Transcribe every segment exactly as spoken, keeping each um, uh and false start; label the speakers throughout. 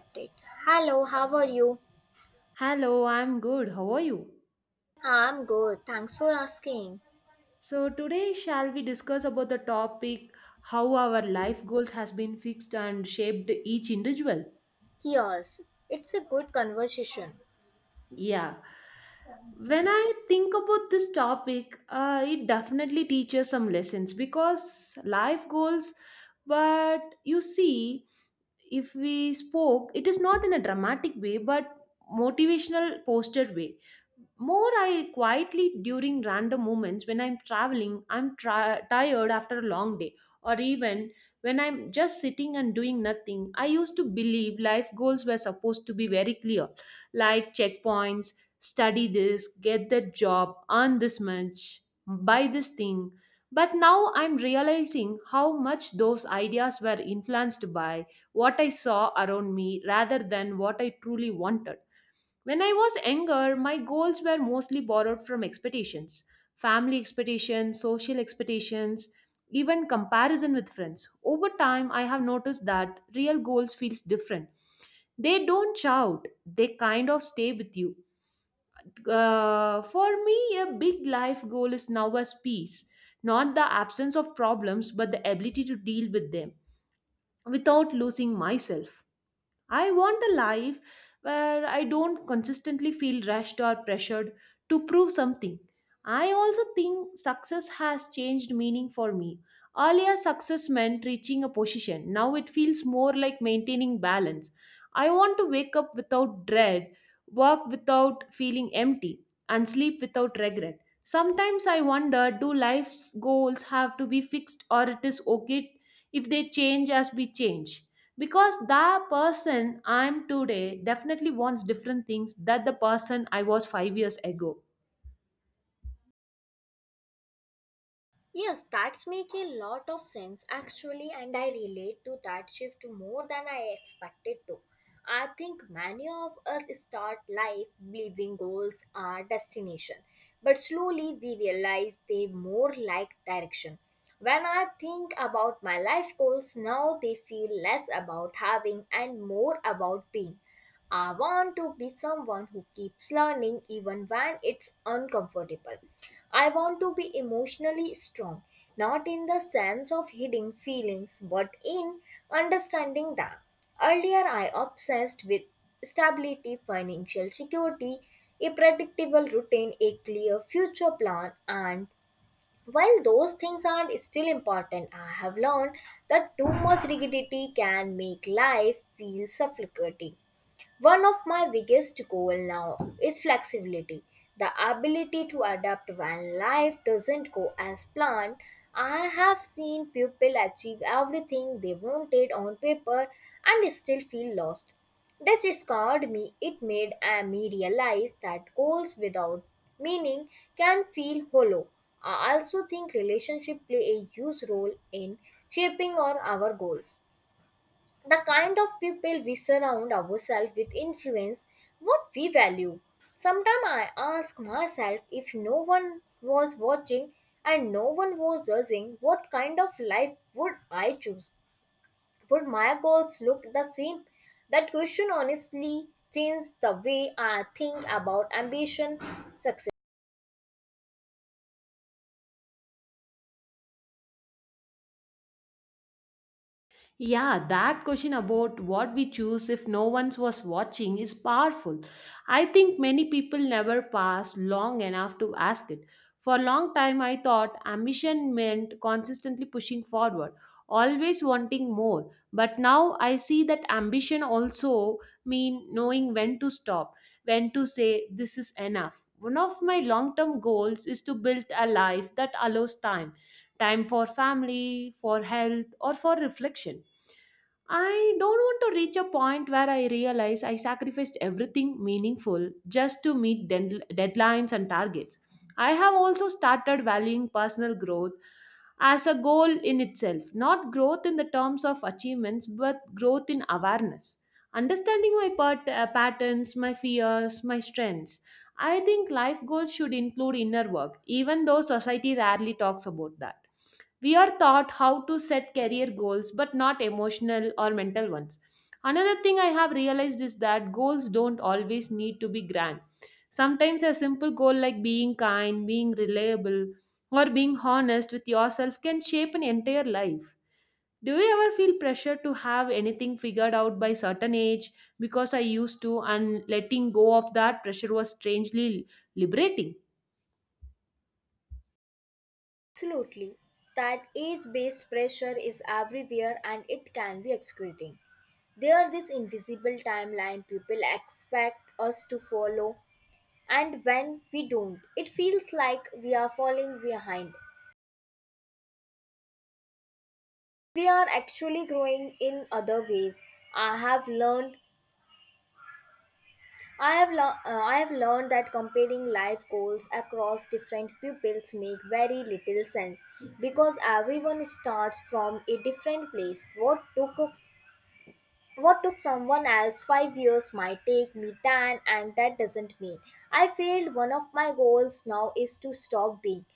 Speaker 1: Update. Hello, how are you?
Speaker 2: Hello, I'm good. How are you?
Speaker 1: I'm good. Thanks for asking.
Speaker 2: So today shall we discuss about the topic how our life goals has been fixed and shaped each individual.
Speaker 1: Yes, it's a good conversation.
Speaker 2: Yeah. When I think about this topic, uh, it definitely teaches some lessons because life goals. But you see, if we spoke, it is not in a dramatic way, but motivational posted way. More I quietly during random moments when I'm traveling, I'm tri- tired after a long day, or even when I'm just sitting and doing nothing. I used to believe life goals were supposed to be very clear, like checkpoints, study this, get that job, earn this much, buy this thing, but now I'm realizing how much those ideas were influenced by what I saw around me rather than what I truly wanted. When I was younger, my goals were mostly borrowed from expectations, family expectations, social expectations, even comparison with friends. Over time, I have noticed that real goals feels different. They don't shout, they kind of stay with you. Uh, for me, a big life goal is now as peace, not the absence of problems, but the ability to deal with them without losing myself. I want a life where I don't consistently feel rushed or pressured to prove something. I also think success has changed meaning for me. Earlier, success meant reaching a position. Now it feels more like maintaining balance. I want to wake up without dread, work without feeling empty, and sleep without regret. Sometimes I wonder, do life's goals have to be fixed, or it is okay if they change as we change? Because the person I'm today definitely wants different things that the person I was five years ago.
Speaker 1: Yes, that's make a lot of sense actually, and I relate to that shift more than I expected to. I think many of us start life believing goals are destination, but slowly we realize they more like direction. When I think about my life goals now, they feel less about having and more about being. I want to be someone who keeps learning even when it's uncomfortable. I want to be emotionally strong, not in the sense of hiding feelings, but in understanding them. Earlier, I obsessed with stability, financial security, a predictable routine, a clear future plan, and while those things are still important, I have learned that too much rigidity can make life feel suffocating. One of my biggest goals now is flexibility, the ability to adapt when life doesn't go as planned. I have seen people achieve everything they wanted on paper and still feel lost. This scared me. It made uh, me realize that goals without meaning can feel hollow. I also think relationship play a huge role in shaping our, our goals, the kind of people we surround ourselves with influence what we value. Sometimes I ask myself, if no one was watching and no one was judging, what kind of life would I choose? Would my goals look the same? That question honestly changed the way I think about ambition, success.
Speaker 2: Yeah, that question about what we choose if no one was watching is powerful. I think many people never pass long enough to ask it. For a long time, I thought ambition meant consistently pushing forward, always wanting more. But now I see that ambition also means knowing when to stop, when to say this is enough. One of my long-term goals is to build a life that allows time, time for family, for health, or for reflection. I don't want to reach a point where I realize I sacrificed everything meaningful just to meet den- deadlines and targets. I have also started valuing personal growth as a goal in itself, not growth in the terms of achievements, but growth in awareness. Understanding my pat- uh, patterns, my fears, my strengths, I think life goals should include inner work, even though society rarely talks about that. We are taught how to set career goals, but not emotional or mental ones. Another thing I have realized is that goals don't always need to be grand. Sometimes a simple goal like being kind, being reliable, or being honest with yourself can shape an entire life. Do you ever feel pressure to have anything figured out by certain age? Because I used to, and letting go of that pressure was strangely liberating.
Speaker 1: Absolutely. That age based pressure is everywhere and it can be excruciating. There are this invisible timeline people expect us to follow, and when we don't, it feels like we are falling behind. We are actually growing in other ways. I have learned I have lear- uh, I have learned that comparing life goals across different pupils make very little sense because everyone starts from a different place. What took What took someone else five years might take me ten, and that doesn't mean I failed. One of my goals now is to stop being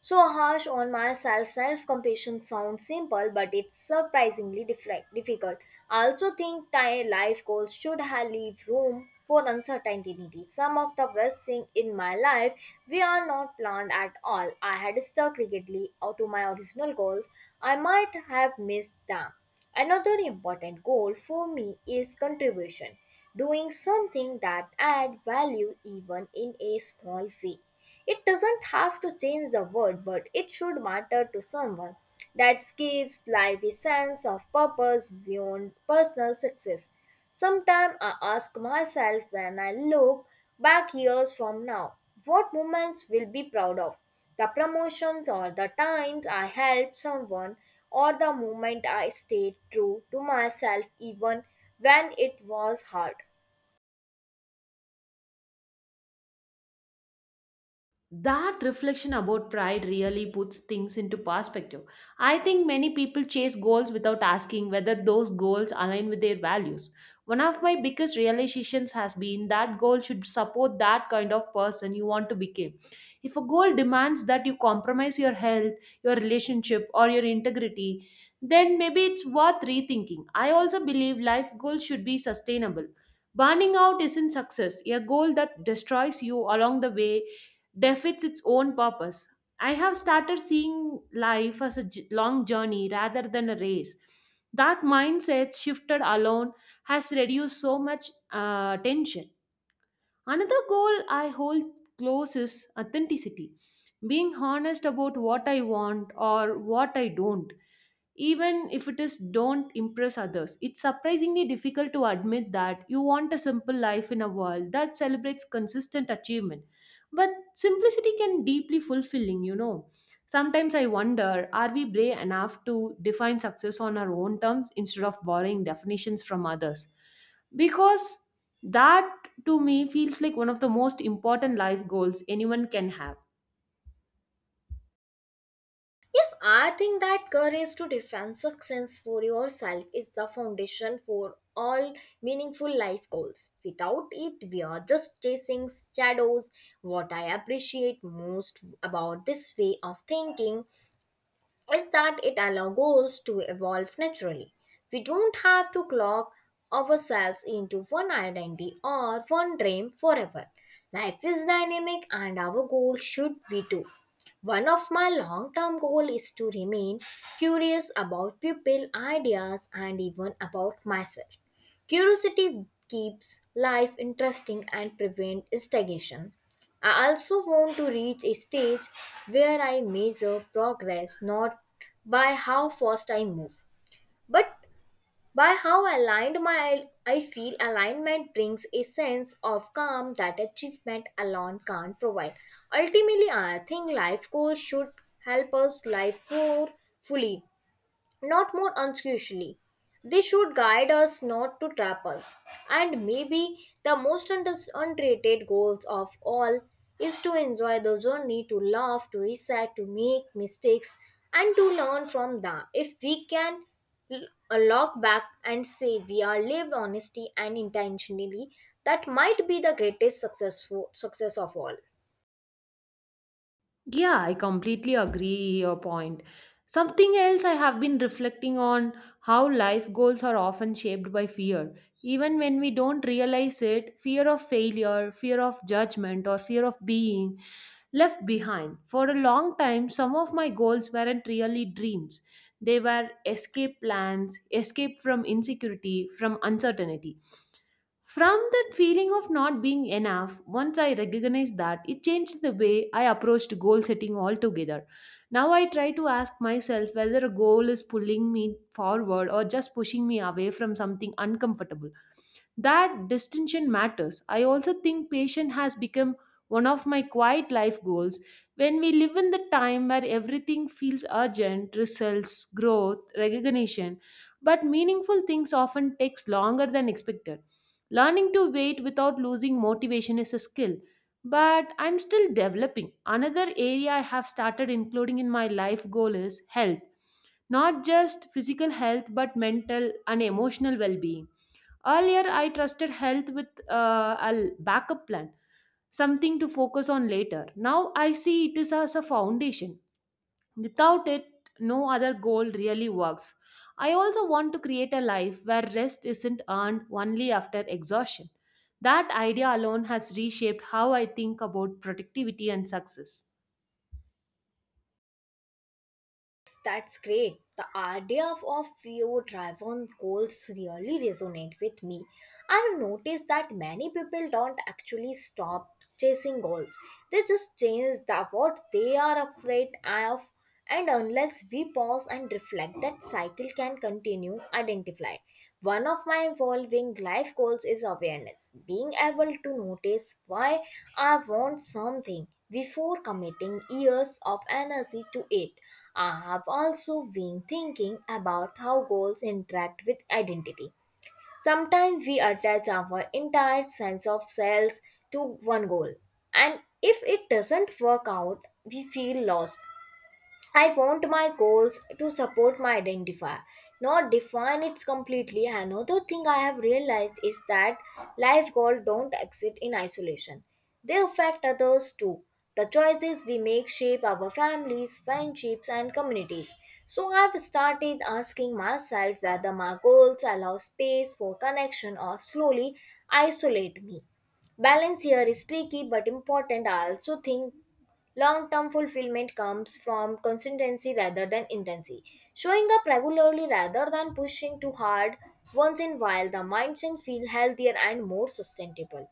Speaker 1: so harsh on myself. Self compassion sounds simple, but it's surprisingly diffi- difficult. I also think ti- life goals should have leave room for uncertainty. Some of the worst things in my life we are not planned at all. I had stuck rigidly to my original goals. I might have missed them. Another important goal for me is contribution, doing something that adds value even in a small way. It doesn't have to change the world, but it should matter to someone. That gives life a sense of purpose beyond personal success. Sometimes I ask myself, when I look back years from now, what moments will be proud of? The promotions, or the times I helped someone, or the moment I stayed true to myself even when it was hard.
Speaker 2: That reflection about pride really puts things into perspective. I think many people chase goals without asking whether those goals align with their values. One of my biggest realizations has been that goal should support that kind of person you want to become. If a goal demands that you compromise your health, your relationship, or your integrity, then maybe it's worth rethinking. I also believe life goals should be sustainable. Burning out isn't success. A goal that destroys you along the way defeats its own purpose. I have started seeing life as a j- long journey rather than a race. That mindset shifted alone has reduced so much uh, tension. Another goal I hold close is authenticity, being honest about what I want or what I don't. Even if it is don't impress others, it's surprisingly difficult to admit that you want a simple life in a world that celebrates consistent achievement. But simplicity can deeply fulfilling, you know. Sometimes I wonder, are we brave enough to define success on our own terms instead of borrowing definitions from others? Because that to me feels like one of the most important life goals anyone can have.
Speaker 1: Yes, I think that courage to defend success for yourself is the foundation for all meaningful life goals. Without it, we are just chasing shadows. What I appreciate most about this way of thinking is that it allows goals to evolve naturally. We don't have to clock ourselves into one identity or one dream forever. Life is dynamic and our goal should be too. One of my long term goals is to remain curious about people, ideas, and even about myself. Curiosity keeps life interesting and prevents stagnation. I also want to reach a stage where I measure progress not by how fast I move, but by how aligned my I feel alignment brings a sense of calm that achievement alone can't provide. Ultimately, I think life goals should help us live more fully, not more unusually. They should guide us, not to trap us. And maybe the most under- underrated goals of all is to enjoy the journey, to laugh, to reset, to make mistakes, and to learn from them. If we can l- uh, look back and say we are lived honestly and intentionally, that might be the greatest successful success of all.
Speaker 2: Yeah, I completely agree your point. Something else I have been reflecting on, how life goals are often shaped by fear. Even when we don't realize it, fear of failure, fear of judgment, or fear of being left behind. For a long time, some of my goals weren't really dreams. They were escape plans, escape from insecurity, from uncertainty. From that feeling of not being enough, once I recognized that, it changed the way I approached goal setting altogether. Now I try to ask myself whether a goal is pulling me forward or just pushing me away from something uncomfortable. That distinction matters. I also think patience has become one of my quiet life goals. When we live in the time where everything feels urgent, results, growth, recognition, but meaningful things often takes longer than expected. Learning to wait without losing motivation is a skill, but I'm still developing. Another area I have started including in my life goal is health. Not just physical health, but mental and emotional well being. Earlier, I trusted health with uh, a backup plan, something to focus on later. Now, I see it is as a foundation. Without it, no other goal really works. I also want to create a life where rest isn't earned only after exhaustion. That idea alone has reshaped how I think about productivity and success.
Speaker 1: That's great. The idea of a few drive on goals really resonate with me. I've noticed that many people don't actually stop chasing goals. They just change the what they are afraid of, and unless we pause and reflect that cycle can continue identify. One of my evolving life goals is awareness, being able to notice why I want something before committing years of energy to it. I have also been thinking about how goals interact with identity. Sometimes we attach our entire sense of self to one goal, and if it doesn't work out, we feel lost. I want my goals to support my identifier, not define it completely. Another thing I have realized is that life goals don't exist in isolation. They affect others too. The choices we make shape our families, friendships, and communities. So I've started asking myself whether my goals allow space for connection or slowly isolate me. Balance here is tricky but important. I also think long term fulfillment comes from consistency rather than intensity. Showing up regularly rather than pushing too hard once in a while, the mindset feels healthier and more sustainable.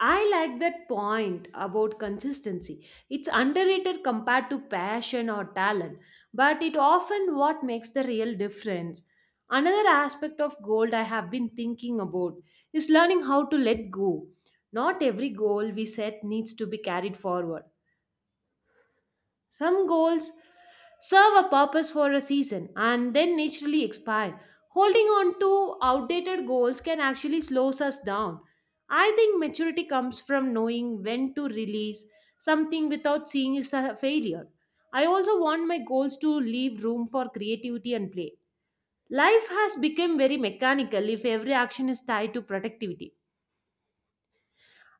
Speaker 2: I like that point about consistency. It's underrated compared to passion or talent, but it often what makes the real difference. Another aspect of gold I have been thinking about is learning how to let go. Not every goal we set needs to be carried forward. Some goals serve a purpose for a season and then naturally expire. Holding on to outdated goals can actually slows us down. I think maturity comes from knowing when to release something without seeing it as a failure. I also want my goals to leave room for creativity and play. Life has become very mechanical if every action is tied to productivity.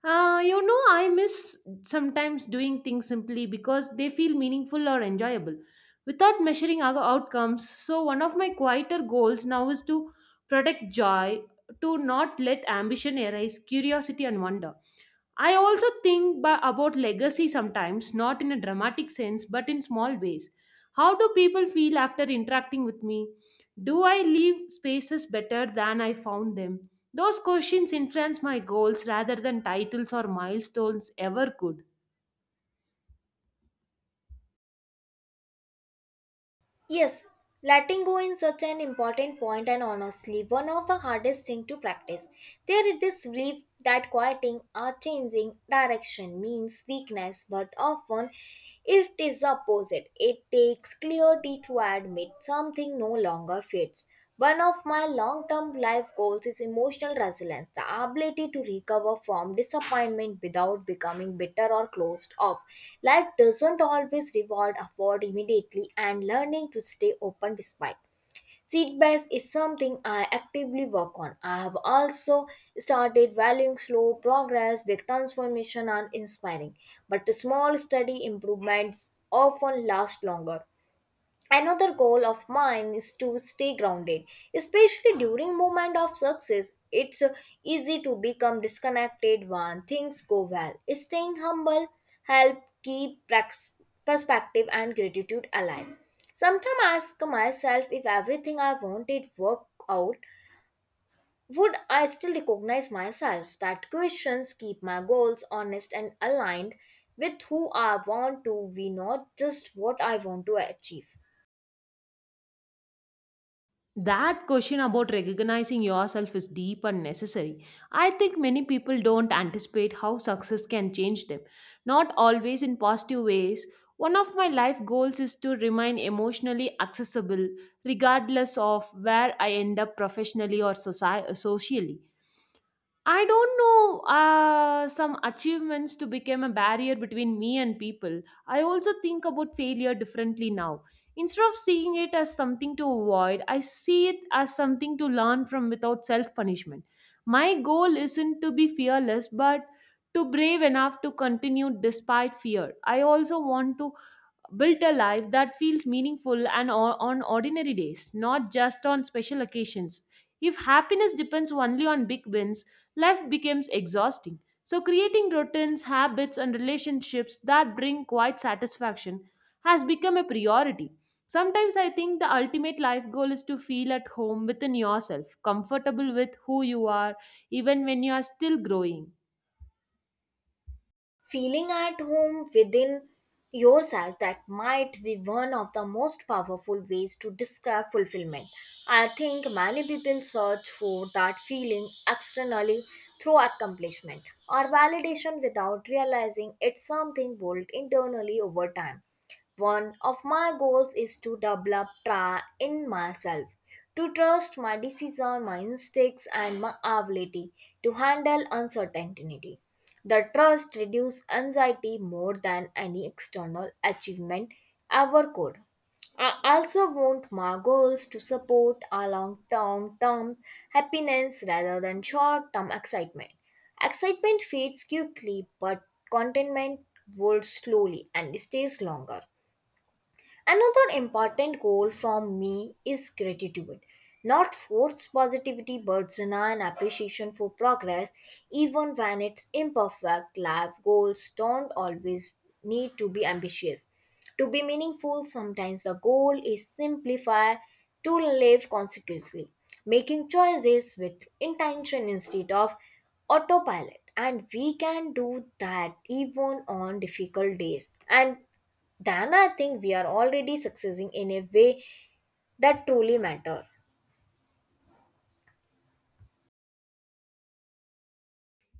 Speaker 2: Uh, you know, I miss sometimes doing things simply because they feel meaningful or enjoyable without measuring our outcomes. So, one of my quieter goals now is to protect joy, to not let ambition arise, curiosity, and wonder. I also think ba- about legacy sometimes, not in a dramatic sense, but in small ways. How do people feel after interacting with me? Do I leave spaces better than I found them? Those questions influence my goals rather than titles or milestones ever could.
Speaker 1: Yes, letting go is such an important point and honestly one of the hardest thing to practice. There is this belief that quieting or changing direction means weakness, but often it is the opposite. It takes clarity to admit something no longer fits. One of my long term life goals is emotional resilience, the ability to recover from disappointment without becoming bitter or closed off. Life doesn't always reward effort immediately, and learning to stay open despite. Setbacks is something I actively work on. I have also started valuing slow progress, big transformation, and inspiring, but small steady improvements often last longer. Another goal of mine is to stay grounded, especially during moment of success. It's uh, easy to become disconnected when things go well. Staying humble help keep prax- perspective and gratitude alive. Sometimes I ask myself, if everything I wanted worked out, would I still recognize myself? That questions keep my goals honest and aligned with who I want to be, not just what I want to achieve.
Speaker 2: That question about recognizing yourself is deep and necessary. I think many people don't anticipate how success can change them, not always in positive ways. One of my life goals is to remain emotionally accessible regardless of where I end up professionally or soci- socially. I don't know uh, some achievements to become a barrier between me and people. I also think about failure differently now. Instead of seeing it as something to avoid, I see it as something to learn from without self punishment. My goal isn't to be fearless, but to brave enough to continue despite fear. I also want to built a life that feels meaningful and o- on ordinary days, not just on special occasions. If happiness depends only on big wins, life becomes exhausting. So, creating routines, habits, and relationships that bring quiet satisfaction has become a priority. Sometimes I think the ultimate life goal is to feel at home within yourself, comfortable with who you are, even when you are still growing.
Speaker 1: Feeling at home within yourself, that might be one of the most powerful ways to describe fulfillment. I think many people search for that feeling externally through accomplishment or validation without realizing it's something built internally over time. One of my goals is to develop trust in myself, to trust my decision, my instincts, and my ability to handle uncertainty. The trust reduces anxiety more than any external achievement ever could. I also want my goals to support a long term term happiness rather than short term excitement. Excitement fades quickly, but contentment grows slowly and stays longer. Another important goal from me is gratitude. Not forced positivity, but genuine appreciation for progress, even when it's imperfect. Life goals don't always need to be ambitious. To be meaningful, sometimes the goal is simplify, to live consequently, making choices with intention instead of autopilot. And we can do that even on difficult days. And then I think we are already succeeding in a way that truly matter.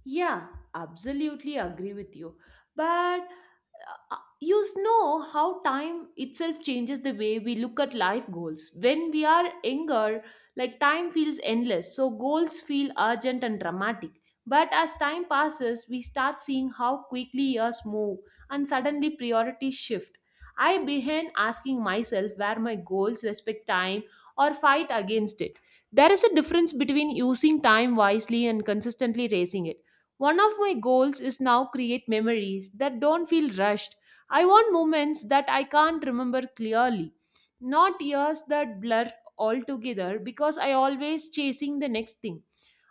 Speaker 2: Yeah, absolutely agree with you. But uh, uh, you know how time itself changes the way we look at life goals. When we are younger, like time feels endless, so goals feel urgent and dramatic. But as time passes, we start seeing how quickly years move and suddenly priorities shift. I began asking myself where my goals respect time or fight against it. There is a difference between using time wisely and consistently raising it. One of my goals is now create memories that don't feel rushed. I want moments that I can't remember clearly, not years that blur altogether because I always chasing the next thing.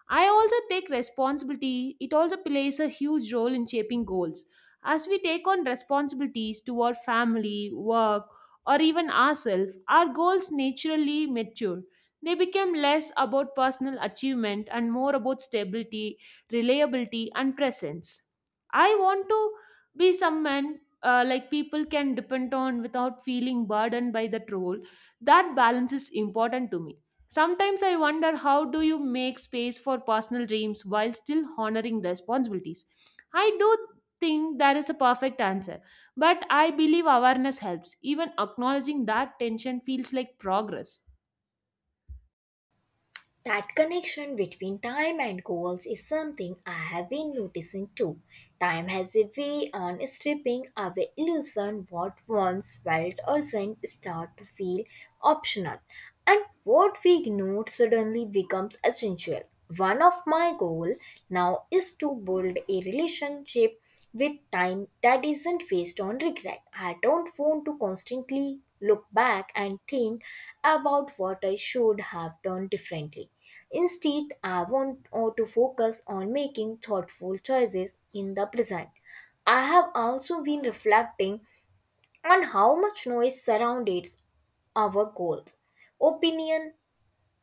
Speaker 2: I also take responsibility, it also plays a huge role in shaping goals. As we take on responsibilities toward family, work, or even ourselves, our goals naturally mature. They become less about personal achievement and more about stability, reliability, and presence. I want to be someone uh, like people can depend on without feeling burdened by that role. That balance is important to me. Sometimes I wonder, how do you make space for personal dreams while still honoring responsibilities. I do think there is a perfect answer, but I believe awareness helps. Even acknowledging that tension feels like progress.
Speaker 1: That connection between time and goals is something I have been noticing too. Time has a way on stripping away illusion, what once felt urgent start to feel optional, and what we ignored suddenly becomes essential. One of my goals now is to build a relationship with time that isn't waste on regret. I don't want to constantly look back and think about what I should have done differently. Instead, I want uh, to focus on making thoughtful choices in the present. I have also been reflecting on how much noise surrounds our goals, opinion,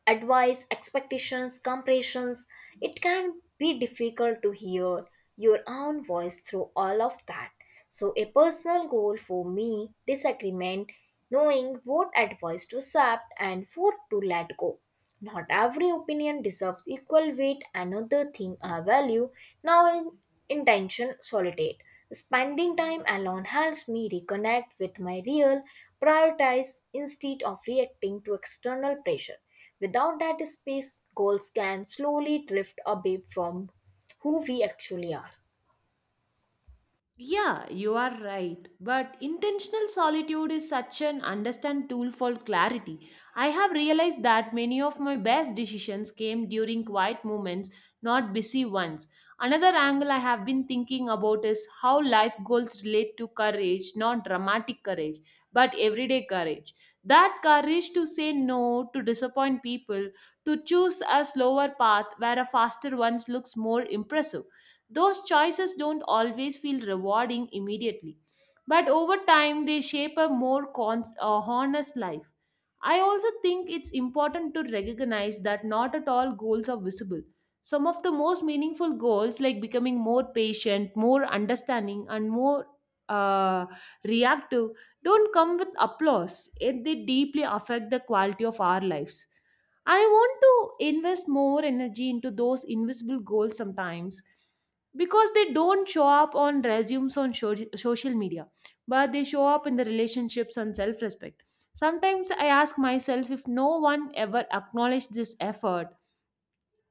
Speaker 1: advice, expectations, comparisons. It can be difficult to hear your own voice through all of that. So, a personal goal for me disagreement, knowing what advice to accept and what to let go. Not every opinion deserves equal weight. Another thing I value now in intention solitude. Spending time alone helps me reconnect with my real priorities instead of reacting to external pressure. Without that space, goals can slowly drift away from who we actually are.
Speaker 2: Yeah, you are right. But intentional solitude is such an understand tool for clarity. I have realized that many of my best decisions came during quiet moments, not busy ones. Another angle I have been thinking about is how life goals relate to courage, not dramatic courage, but everyday courage. That courage to say no, to disappoint people, to choose a slower path where a faster one looks more impressive. Those choices don't always feel rewarding immediately, but over time they shape a more cons- uh, honest life. I also think it's important to recognize that not at all goals are visible. Some of the most meaningful goals, like becoming more patient, more understanding, and more uh, reactive, don't come with applause. Yet they deeply affect the quality of our lives. I want to invest more energy into those invisible goals sometimes because they don't show up on resumes on sho- social media, but they show up in the relationships and self-respect. Sometimes I ask myself, if no one ever acknowledged this effort,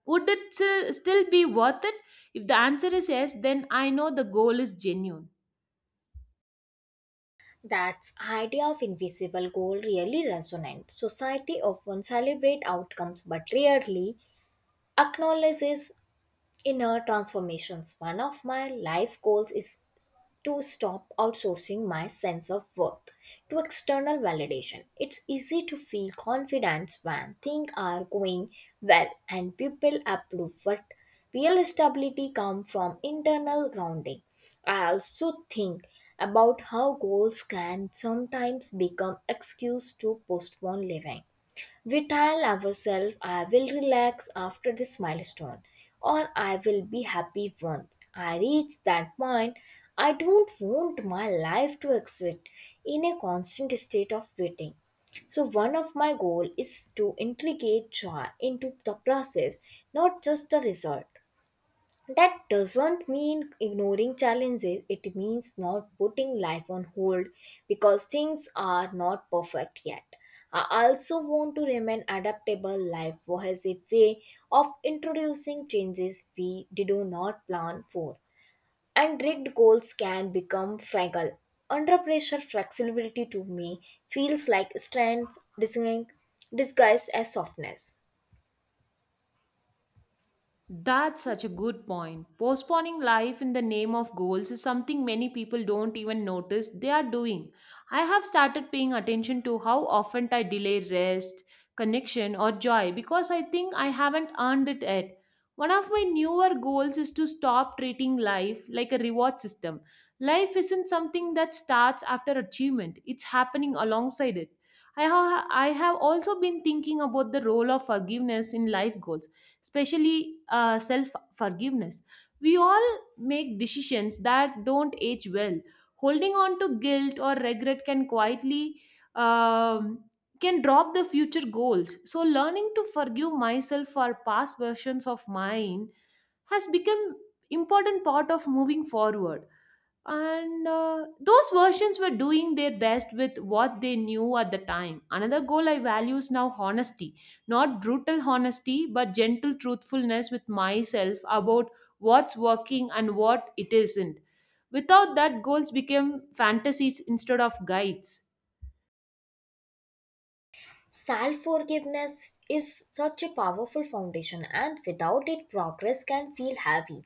Speaker 2: would it s- still be worth it? If the answer is yes, then I know the goal is genuine.
Speaker 1: That idea of invisible goal really resonates. Society often celebrates outcomes but rarely acknowledges inner transformations. One of my life goals is to stop outsourcing my sense of worth to external validation. It's easy to feel confidence when things are going well and people approve, but real stability comes from internal grounding. I also think about how goals can sometimes become excuse to postpone living, we tell ourselves, I will relax after this milestone, or I will be happy once I reach that point. I don't want my life to exist in a constant state of waiting. So one of my goal is to integrate joy into the process, not just the result. That doesn't mean ignoring challenges, it means not putting life on hold because things are not perfect yet. I also want to remain adaptable. Life has a way of introducing changes we did not plan for, and rigged goals can become fragile. Under pressure, flexibility to me feels like strength disguised disguised as softness.
Speaker 2: That's such a good point. Postponing life in the name of goals is something many people don't even notice they are doing. I have started paying attention to how often I delay rest, connection, or joy because I think I haven't earned it yet. One of my newer goals is to stop treating life like a reward system. Life isn't something that starts after achievement, it's happening alongside it. I have, I have also been thinking about the role of forgiveness in life goals, especially uh, self forgiveness. We all make decisions that don't age well. Holding on to guilt or regret can quietly um, can drop the future goals. So learning to forgive myself for past versions of mine has become important part of moving forward, and uh, those versions were doing their best with what they knew at the time. Another goal I value is now honesty, not brutal honesty but gentle truthfulness with myself about what's working and what it isn't. Without that, goals became fantasies instead of guides.
Speaker 1: Self forgiveness is such a powerful foundation, and without it, progress can feel heavy.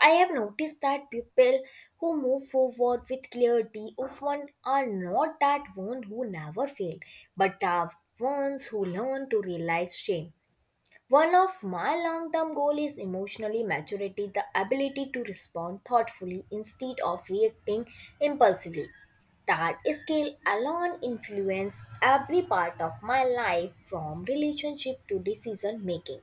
Speaker 1: I have noticed that people who move forward with clarity often are not that one who never failed, but the ones who learn to realize shame. One of my long term goals is emotionally maturity, the ability to respond thoughtfully instead of reacting impulsively. That skill alone influences every part of my life from relationship to decision making.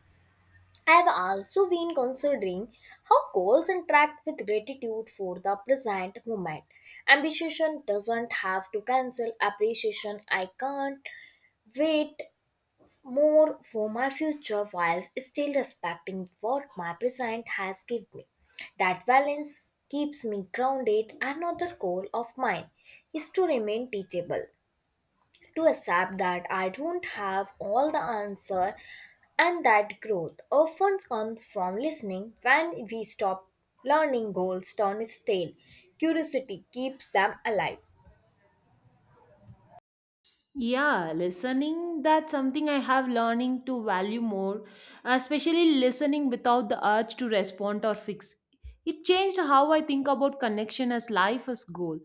Speaker 1: I've also been considering how goals interact with gratitude for the present moment. Ambition doesn't have to cancel appreciation. I can't wait more for my future while still respecting what my present has given me. That balance keeps me grounded. Another goal of mine is to remain teachable, to accept that I don't have all the answer and that growth often comes from listening when we stop learning goals turn stale. Curiosity keeps them alive.
Speaker 2: Yeah, listening, that's something I have learning to value more, especially listening without the urge to respond or fix. It changed how I think about connection as life as goal.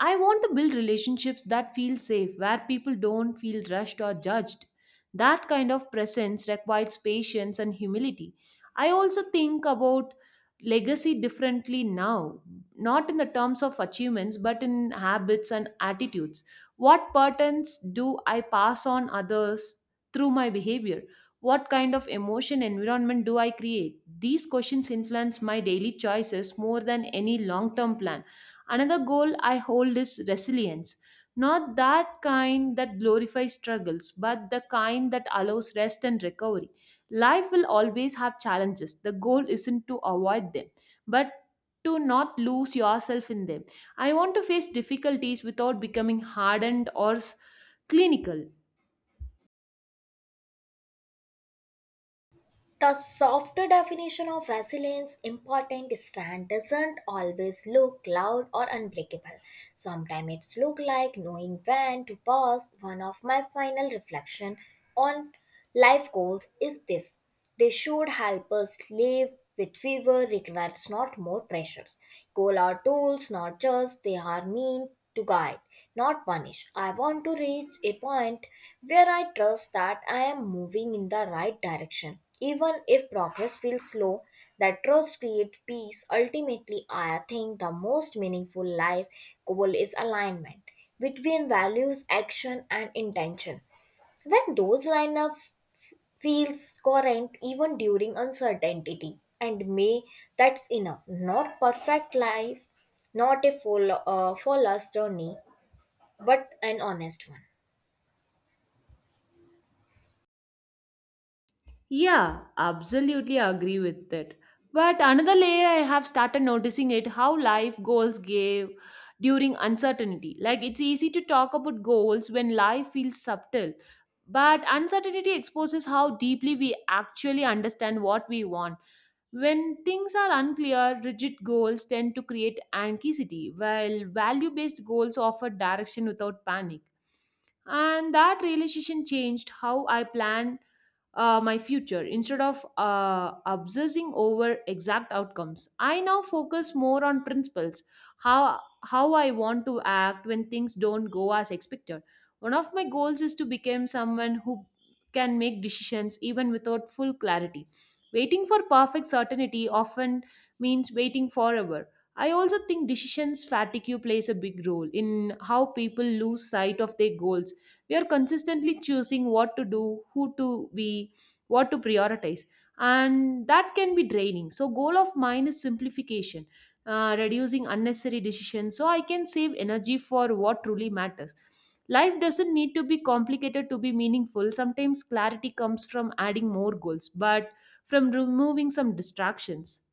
Speaker 2: I want to build relationships that feel safe, where people don't feel rushed or judged. That kind of presence requires patience and humility. I also think about legacy differently now, not in the terms of achievements, but in habits and attitudes. What patterns do I pass on others through my behavior? What kind of emotion environment do I create? These questions influence my daily choices more than any long term plan. Another goal I hold is resilience. Not that kind that glorifies struggles, but the kind that allows rest and recovery. Life will always have challenges. The goal isn't to avoid them, but to not lose yourself in them. I want to face difficulties without becoming hardened or s- clinical.
Speaker 1: The softer definition of resilience important stand doesn't always look loud or unbreakable. Sometimes it's look like knowing when to pause. One of my final reflection on life goals is this. They should help us live with fewer regrets, not more pressures. Goal are tools, not just they are mean to guide, not punish. I want to reach a point where I trust that I am moving in the right direction. Even if progress feels slow, that trust creates peace. Ultimately, I think the most meaningful life goal is alignment between values, action, and intention. When those line up, feels current even during uncertainty and may that's enough, not perfect life, not a full uh, full journey, but an honest one.
Speaker 2: Yeah, absolutely agree with it. But another layer I have started noticing it how life goals gave during uncertainty. Like it's easy to talk about goals when life feels subtle, but uncertainty exposes how deeply we actually understand what we want. When things are unclear, rigid goals tend to create anxiety, while value-based goals offer direction without panic. And that realization changed how I planned uh, my future. Instead of uh, obsessing over exact outcomes, I now focus more on principles, how how I want to act when things don't go as expected. One of my goals is to become someone who can make decisions even without full clarity. Waiting for perfect certainty often means waiting forever. I also think decisions fatigue plays a big role in how people lose sight of their goals. We are consistently choosing what to do, who to be, what to prioritize, and that can be draining. So goal of mine is simplification, uh, reducing unnecessary decisions so I can save energy for what truly matters. Life doesn't need to be complicated to be meaningful. Sometimes clarity comes from adding more goals but from removing some distractions.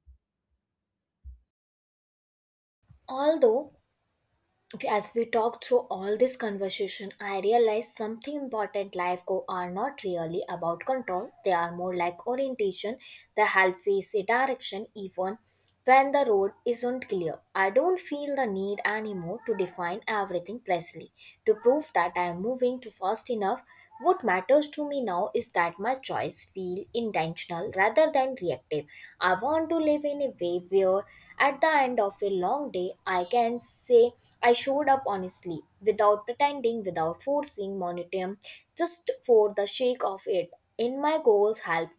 Speaker 1: Although Okay, as we talk through all this conversation, I realize something important. Life goals are not really about control. They are more like orientation. They help face a direction even when the road isn't clear. I don't feel the need anymore to define everything precisely, to prove that I am moving too fast enough, what matters to me now is that my choice feel intentional rather than reactive. I want to live in a way where at the end of a long day I can say I showed up honestly without pretending, without forcing momentum, just for the sake of it. In my goals help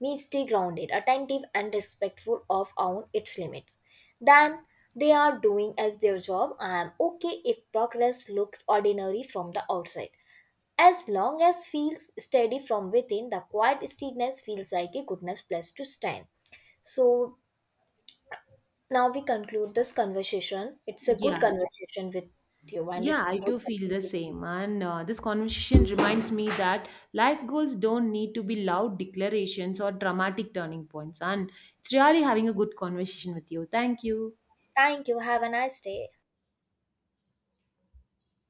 Speaker 1: me stay grounded, attentive and respectful of own its limits. Then they are doing as their job. I am okay if progress looked ordinary from the outside. As long as feels steady from within, the quiet steadiness feels like a goodness place to stand. So now we conclude this conversation. It's a good
Speaker 2: Yeah.
Speaker 1: conversation with you, and it's
Speaker 2: Yeah, I
Speaker 1: good
Speaker 2: do feel the
Speaker 1: talking to you.
Speaker 2: same. And uh, this conversation reminds me that life goals don't need to be loud declarations or dramatic turning points. And it's really having a good conversation with you. Thank you.
Speaker 1: Thank you. Have a nice day.